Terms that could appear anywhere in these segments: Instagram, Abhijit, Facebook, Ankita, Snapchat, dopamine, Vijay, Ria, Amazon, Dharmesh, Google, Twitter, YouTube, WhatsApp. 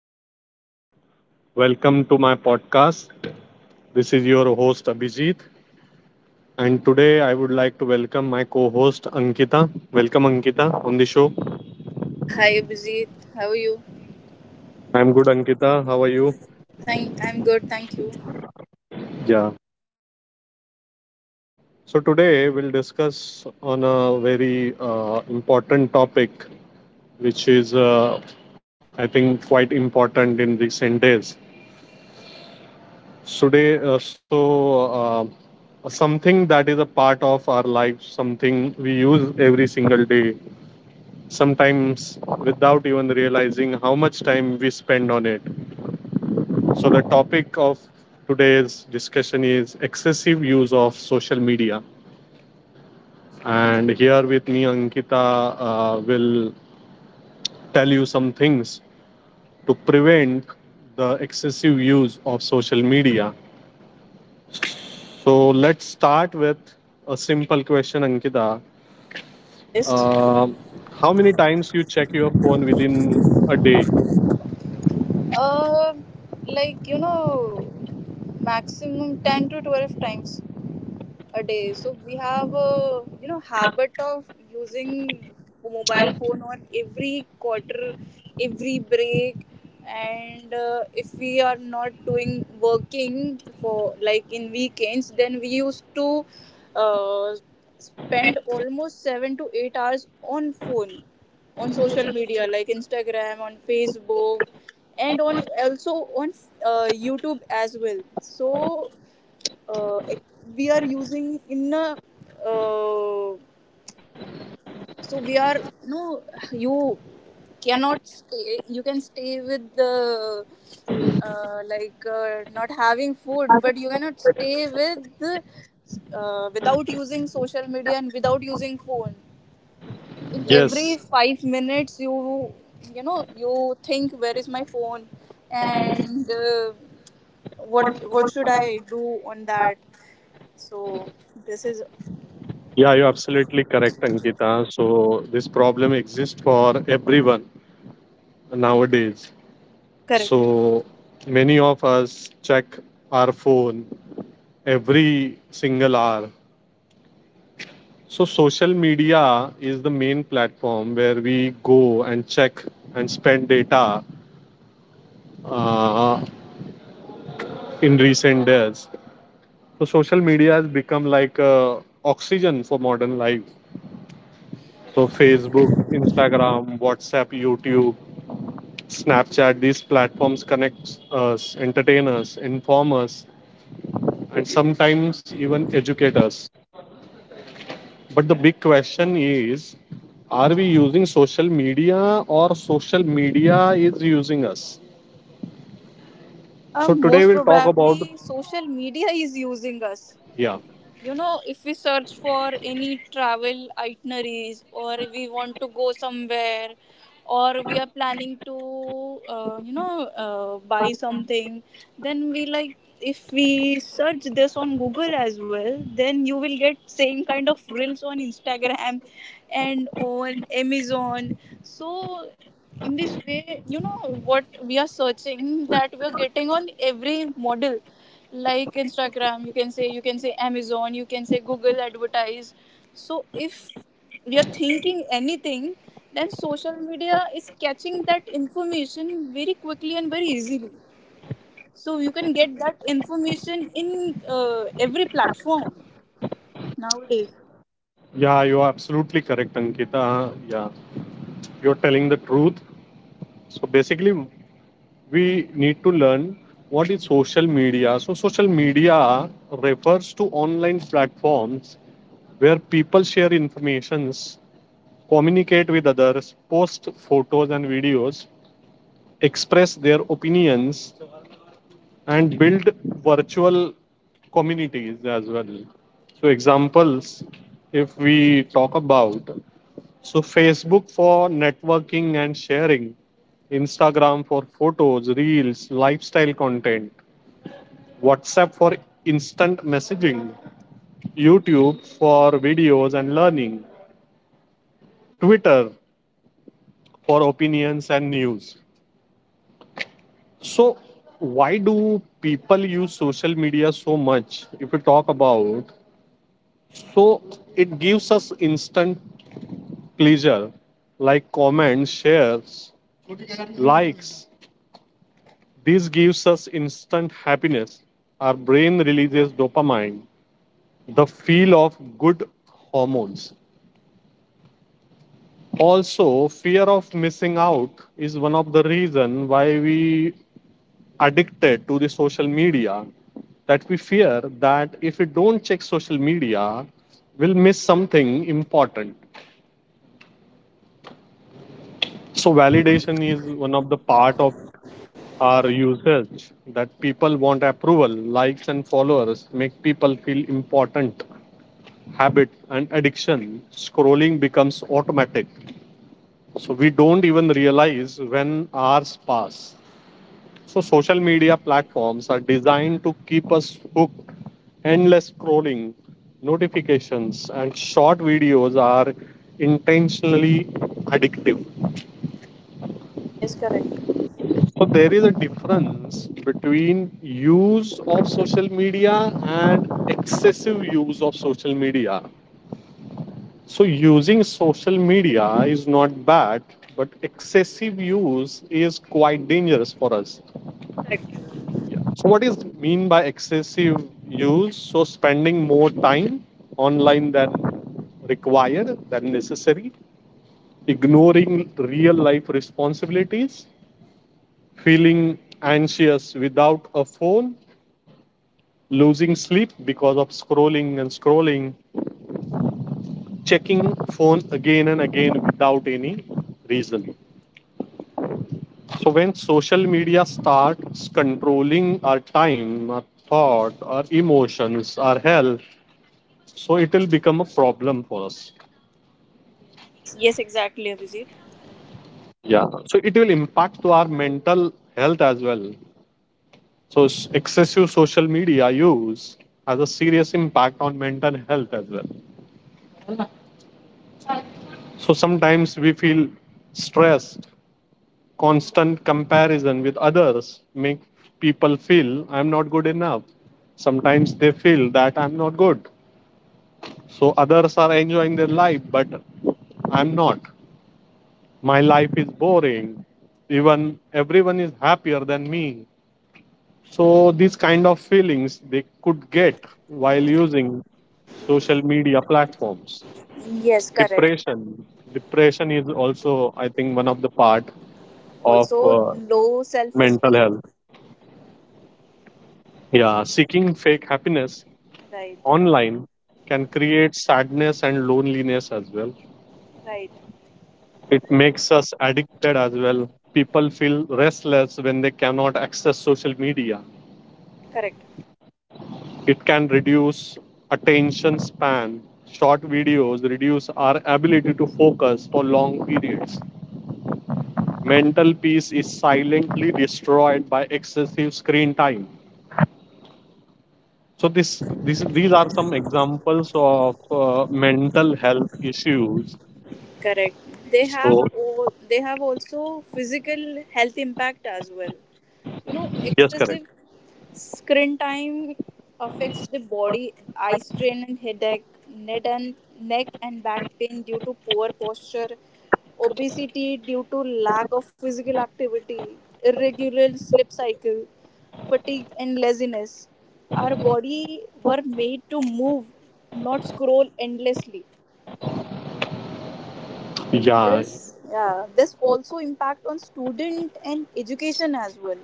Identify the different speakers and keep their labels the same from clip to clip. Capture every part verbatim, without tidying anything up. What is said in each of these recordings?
Speaker 1: everyone. Welcome to my podcast. This is your host, Abhijit. And today I would like to welcome my co host, Ankita. Welcome, Ankita, on the show.
Speaker 2: Hi Abhijit, how are you?
Speaker 1: I'm good, Ankita. How are you?
Speaker 2: Thank I'm good, thank you.
Speaker 1: Yeah. So, today we'll discuss on a very uh, important topic, which is, uh, I think, quite important in recent days. So, today, uh, so uh, something that is a part of our life, something we use every single day sometimes without even realizing how much time we spend on it. So, the topic of today's discussion is excessive use of social media. And here with me, Ankita uh, will tell you some things to prevent the excessive use of social media. So, let's start with a simple question, Ankita.
Speaker 2: Yes.
Speaker 1: Uh, how many times you check your phone within a day?
Speaker 2: Uh like you know maximum ten to twelve times a day. So we have a you know habit of using mobile phone on every quarter, every break, and uh, if we are not doing working for like in weekends, then we used to uh, spend almost seven to eight hours on phone, on social media like Instagram, on Facebook, and on also on uh, YouTube as well. So uh, we are using in a uh, so we are no you cannot stay you can stay with the uh, like uh, not having food but you cannot stay with uh, without using social media and without using phone in
Speaker 1: Yes.
Speaker 2: every five minutes you you know you think where is my phone and uh, what what should I do on that. So this is.
Speaker 1: Yeah, you're absolutely correct, Ankita. So, this problem exists for everyone nowadays.
Speaker 2: Correct.
Speaker 1: So, many of us check our phone every single hour. So, social media is the main platform where we go and check and spend data uh, in recent days. So, social media has become like uh, oxygen for modern life. So,
Speaker 2: Correct.
Speaker 1: Facebook, Instagram, WhatsApp, YouTube, Snapchat, these platforms connect us, entertain us, inform us, and sometimes even educate us. But the big question is, are we using social media or social media is using us?
Speaker 2: Um,
Speaker 1: So today
Speaker 2: most
Speaker 1: we'll talk
Speaker 2: probably,
Speaker 1: about,
Speaker 2: social media
Speaker 1: yeah,
Speaker 2: is using us. you know if we search for any travel itineraries or we want to go somewhere, or we are planning to uh, you know uh, buy something, then we like if we search this on Google as well, then you will get same kind of reels on Instagram and on Amazon. So in this way, you know what we are searching, that we are getting on every model, like Instagram, you can say, you can say Amazon, you can say Google advertise. So if you're thinking anything, then social media is catching that information very quickly and very easily, so you can get that information in uh, every platform nowadays.
Speaker 1: yeah, you are absolutely correct, Ankita. Yeah, you're telling the truth. So basically, we need to learn what is social media. So social media refers to online platforms where people share informations, communicate with others, post photos and videos, express their opinions, and build virtual communities as well. So, examples if we talk about, so Facebook for networking and sharing, Instagram for photos, reels, lifestyle content, WhatsApp for instant messaging, YouTube for videos and learning, Twitter for opinions and news. So, why do people use social media so much? If we talk about, so it gives us instant pleasure, like comments, shares, likes. This gives us instant happiness. Our brain releases dopamine, the feel of good hormones. Also, fear of missing out is one of the reason why we addicted to the social media, that we fear that if we don't check social media, we'll miss something important. So validation is one of the part of our usage, that people want approval, likes and followers make people feel important. Habit and addiction, scrolling becomes automatic, so we don't even realize when hours pass. So, social media platforms are designed to keep us hooked. Endless scrolling, notifications, and short videos are intentionally addictive.
Speaker 2: Yes, correct.
Speaker 1: So, there is a difference between use of social media and excessive use of social media. So, using social media is not bad, but excessive use is quite dangerous for us.
Speaker 2: Correct.
Speaker 1: Yeah. So what is mean by excessive use? So spending more time online than required, than necessary, ignoring real life responsibilities, feeling anxious without a phone, losing sleep because of scrolling and scrolling, checking phone again and again without any reason. So when social media starts controlling our time, our thought, our emotions, our health, so it will become a problem for us.
Speaker 2: Yes, exactly, Abhijit.
Speaker 1: Yeah, so it will impact to our mental health as well. So s- excessive social media use has a serious impact on mental health as well. So sometimes we feel stressed, constant comparison with others make people feel I'm not good enough. Sometimes they feel that I'm not good, so others are enjoying their life but I'm not, my life is boring, even everyone is happier than me. So these kind of feelings they could get while using social media platforms.
Speaker 2: Yes, correct.
Speaker 1: Depression, depression is also I think one of the part of
Speaker 2: Also,
Speaker 1: uh,
Speaker 2: low self
Speaker 1: mental
Speaker 2: esteem.
Speaker 1: health. Yeah, seeking fake happiness
Speaker 2: Right.
Speaker 1: online can create sadness and loneliness as well.
Speaker 2: Right.
Speaker 1: It makes us addicted as well, people feel restless when they cannot access social media.
Speaker 2: Correct.
Speaker 1: It can reduce attention span, short videos reduce our ability to focus for long periods. Mental peace is silently destroyed by excessive screen time. So this, this these are some examples of uh, mental health issues.
Speaker 2: Correct. They have
Speaker 1: So
Speaker 2: o- they have also physical health impact as well. You know,
Speaker 1: yes correct,
Speaker 2: excessive screen time affects the body, eye strain and headache, neck and neck and back pain due to poor posture, obesity due to lack of physical activity, irregular sleep cycle, fatigue and laziness. Our body were made to move, not scroll endlessly.
Speaker 1: yeah,
Speaker 2: This, yeah, this also impact on student and education as well.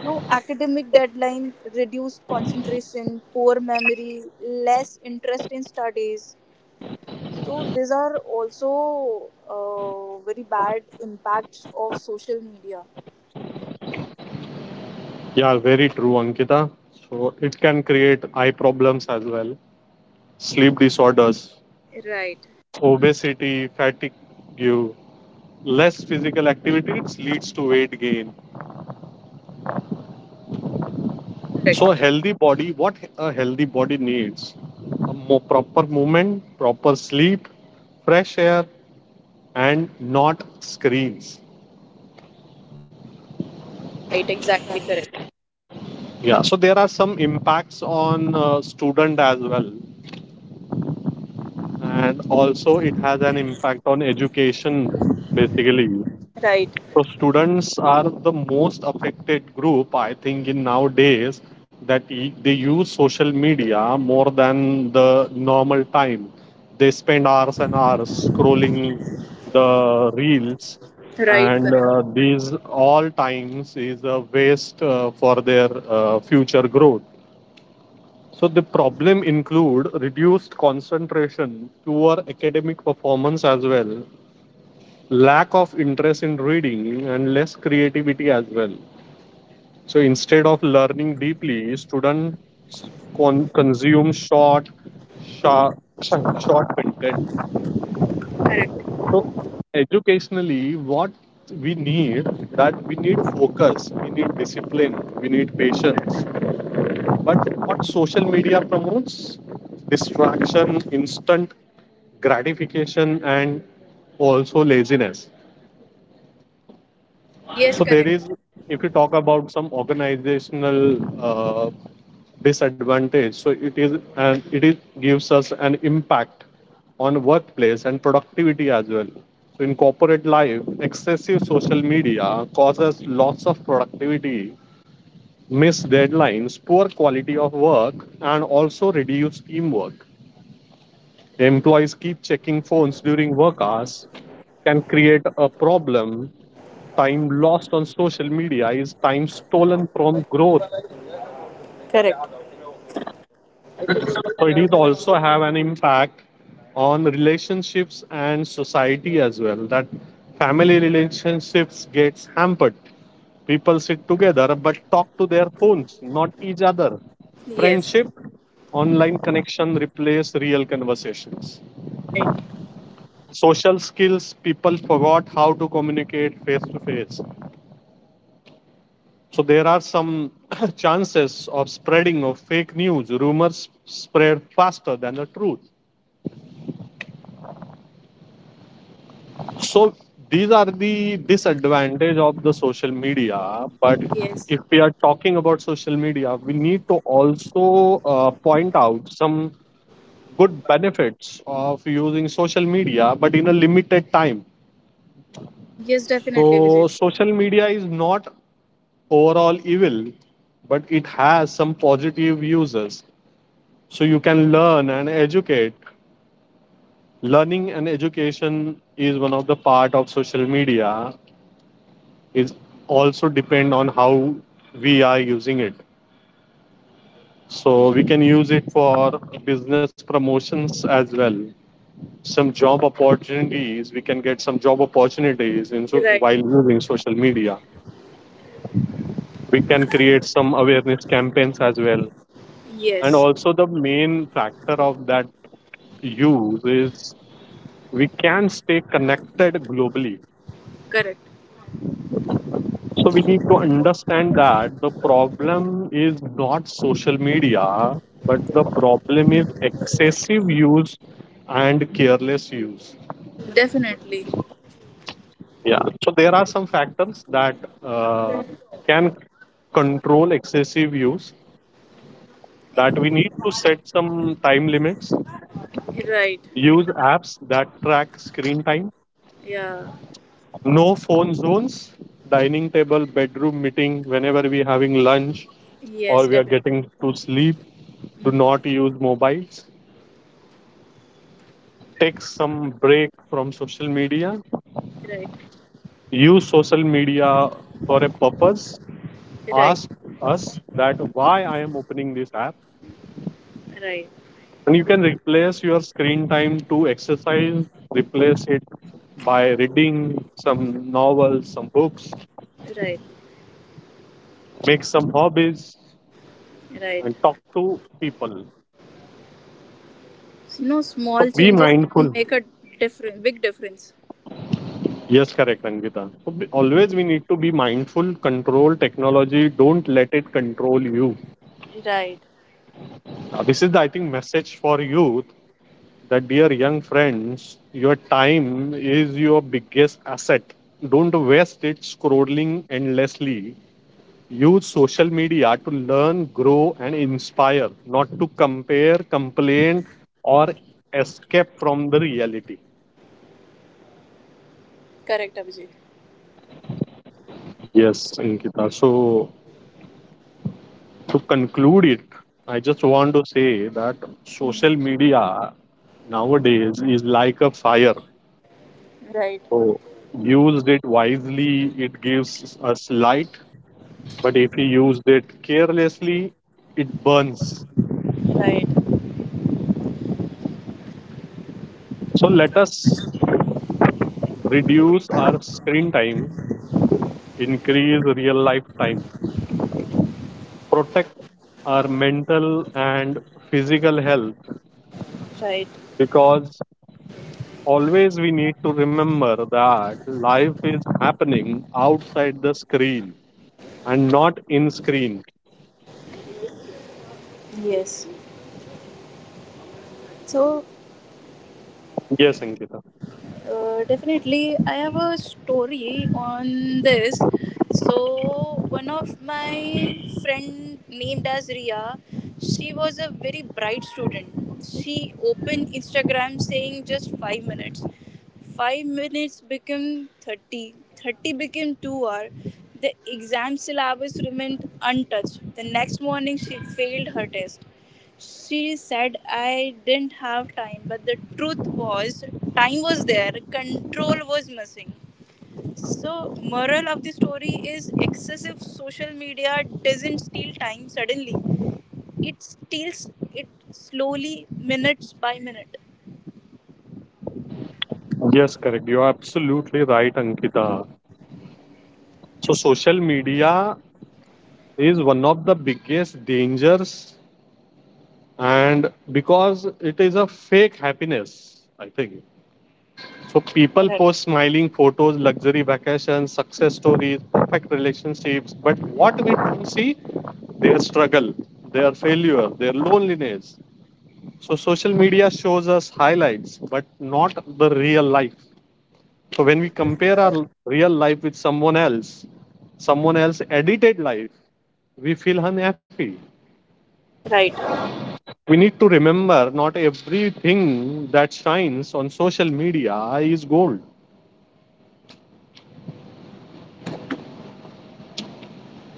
Speaker 2: No academic deadline, reduced concentration, poor memory, less interest in studies. So these are also uh, very bad impacts of social media.
Speaker 1: yeah very true Ankita. So it can create eye problems as well, sleep disorders,
Speaker 2: Right.
Speaker 1: obesity, fatigue, less physical activity, it leads to weight gain. So a
Speaker 2: Correct.
Speaker 1: healthy body, what a healthy body needs, a more proper movement, proper sleep, fresh air, and not screens.
Speaker 2: Right. Exactly correct.
Speaker 1: Yeah, so there are some impacts on uh, student as well, and also it has an impact on education basically.
Speaker 2: Right.
Speaker 1: So students are the most affected group, I think, in nowadays, that e- they use social media more than the normal time. They spend hours and hours scrolling the reels,
Speaker 2: Right.
Speaker 1: and
Speaker 2: Correct.
Speaker 1: uh, these all times is a waste uh, for their uh, future growth. So the problem include reduced concentration, poor academic performance as well, lack of interest in reading and less creativity as well. So instead of learning deeply, students con- consume short, sharp, short content. So educationally, what we need, that we need focus, we need discipline, we need patience. But what social media promotes? Distraction, instant gratification, and also laziness.
Speaker 2: Yes.
Speaker 1: So there
Speaker 2: Correct.
Speaker 1: is, if you talk about some organizational uh, disadvantage, so it is and it is gives us an impact on workplace and productivity as well. So in corporate life, excessive social media causes loss of productivity, missed deadlines, poor quality of work, and also reduced teamwork. Employees keep checking phones during work hours, can create a problem. Time lost on social media is time stolen from growth.
Speaker 2: Correct.
Speaker 1: So it is also have an impact on relationships and society as well, that family relationships gets hampered, people sit together but talk to their phones, not each other.
Speaker 2: Yes.
Speaker 1: Friendship, online connection replace real conversations.
Speaker 2: Right.
Speaker 1: Social skills, people forgot how to communicate face to face. So there are some chances of spreading of fake news. Rumors spread faster than the truth. So these are the disadvantage of the social media. But
Speaker 2: Yes.
Speaker 1: if we are talking about social media, we need to also uh, point out some good benefits of using social media, but in a limited time.
Speaker 2: Yes, definitely, Vijay.
Speaker 1: So social media is not overall evil, but it has some positive uses. So you can learn and educate, learning and education is one of the part of social media, is also depend on how we are using it. So we can use it for business promotions as well, some job opportunities, we can get some job opportunities in, so
Speaker 2: Right.
Speaker 1: while using social media we can create some awareness campaigns as well, and
Speaker 2: Yes.
Speaker 1: also the main factor of that use is we can stay connected globally.
Speaker 2: Correct.
Speaker 1: So we need to understand that the problem is not social media, but the problem is excessive use and careless use.
Speaker 2: Definitely.
Speaker 1: Yeah. So there are some factors that uh, can control excessive use. That we need to set some time limits.
Speaker 2: Right.
Speaker 1: Use apps that track screen time.
Speaker 2: Yeah.
Speaker 1: No phone zones, dining table, bedroom, meeting, whenever we're having lunch
Speaker 2: Yes,
Speaker 1: or we are
Speaker 2: definitely.
Speaker 1: getting to sleep, do
Speaker 2: Mm.
Speaker 1: not use mobiles. Take some break from social media.
Speaker 2: Right.
Speaker 1: Use social media for a purpose.
Speaker 2: Right.
Speaker 1: Ask us that why I am opening this app.
Speaker 2: Right.
Speaker 1: And you can replace your screen time to exercise, replace it by reading some novels, some books,
Speaker 2: Right.
Speaker 1: make some hobbies,
Speaker 2: Right.
Speaker 1: and talk to people.
Speaker 2: So, no,
Speaker 1: So
Speaker 2: small
Speaker 1: be
Speaker 2: changes
Speaker 1: mindful.
Speaker 2: can make a different, big difference.
Speaker 1: Yes, correct, Angita. So be, always we need to be mindful, control technology. Don't let it control you.
Speaker 2: Right.
Speaker 1: Now, this is the I think message for youth, that dear young friends, your time is your biggest asset. Don't waste it scrolling endlessly. Use social media to learn, grow, and inspire, not to compare, complain, or escape from the reality.
Speaker 2: Correct, Abhijit.
Speaker 1: Yes, Ankita. So to conclude it, I just want to say that social media nowadays is like a fire.
Speaker 2: Right.
Speaker 1: So used it wisely, it gives us light, but if we use it carelessly, it burns.
Speaker 2: Right.
Speaker 1: So let us reduce our screen time, increase real life time, protect our mental and physical health,
Speaker 2: Right.
Speaker 1: because always we need to remember that life is happening outside the screen and not in screen.
Speaker 2: Yes. So,
Speaker 1: Yes, Ankita.
Speaker 2: Uh, definitely, I have a story on this. So, one of my friend named as Ria, she was a very bright student. She opened Instagram saying just five minutes. Five minutes became thirty. thirty became two hour. The exam syllabus remained untouched. The next morning, she failed her test. She said I didn't have time, but the truth was, time was there, control was missing. So, moral of the story is excessive social media doesn't steal time suddenly. It steals it slowly, minutes by minute.
Speaker 1: Yes, correct. You're absolutely right, Ankita. So, social media is one of the biggest dangers, and because it is a fake happiness, I think. So people
Speaker 2: Right,
Speaker 1: post smiling photos, luxury vacations, success stories, perfect relationships. But what we don't see, their struggle, their failure, their loneliness. So social media shows us highlights, but not the real life. So when we compare our real life with someone else, someone else edited life, we feel unhappy.
Speaker 2: right.
Speaker 1: We need to remember not everything that shines on social media is gold.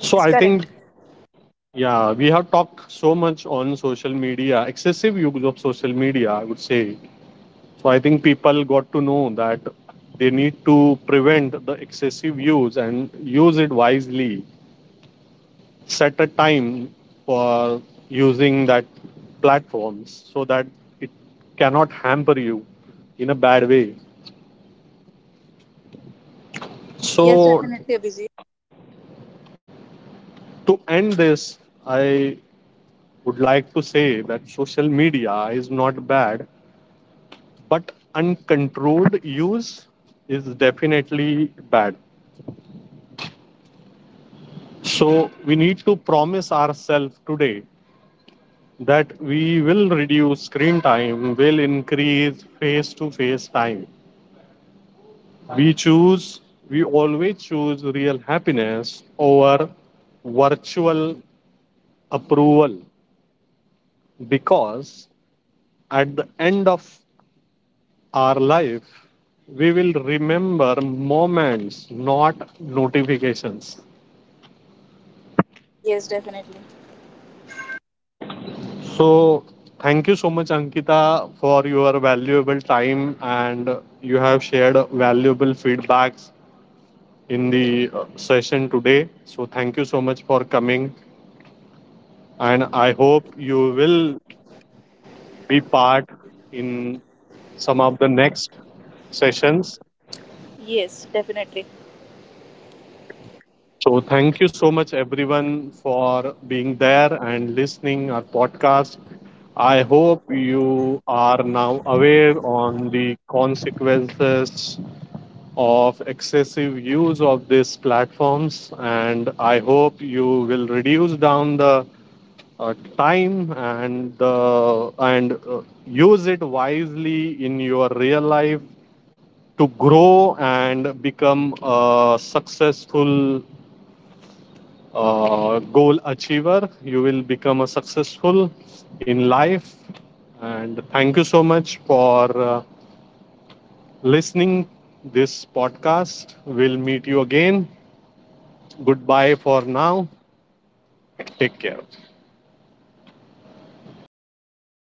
Speaker 1: So I think,
Speaker 2: correct.
Speaker 1: yeah, we have talked so much on social media, excessive use of social media, I would say. So I think people got to know that they need to prevent the excessive use and use it wisely. Set a time for using that platforms so that it cannot hamper you in a bad way.
Speaker 2: Yes,
Speaker 1: So
Speaker 2: definitely, busy.
Speaker 1: to end this, I would like to say that social media is not bad, but uncontrolled use is definitely bad. So we need to promise ourselves today that we will reduce screen time, will increase face to face time. We choose, we always choose real happiness over virtual approval, because at the end of our life, we will remember moments, not notifications.
Speaker 2: Yes, definitely.
Speaker 1: So, thank you so much, Ankita, for your valuable time and you have shared valuable feedbacks in the uh, session today. So, thank you so much for coming, and I hope you will be part in some of the next sessions.
Speaker 2: Yes, definitely.
Speaker 1: So, thank you so much, everyone, for being there and listening our podcast. I hope you are now aware on the consequences of excessive use of these platforms, and I hope you will reduce down the uh, time and the uh, and uh, use it wisely in your real life to grow and become a successful uh, goal achiever you will become a successful in life. And thank you so much for uh, listening this podcast. We'll meet you again. Goodbye for now. Take care.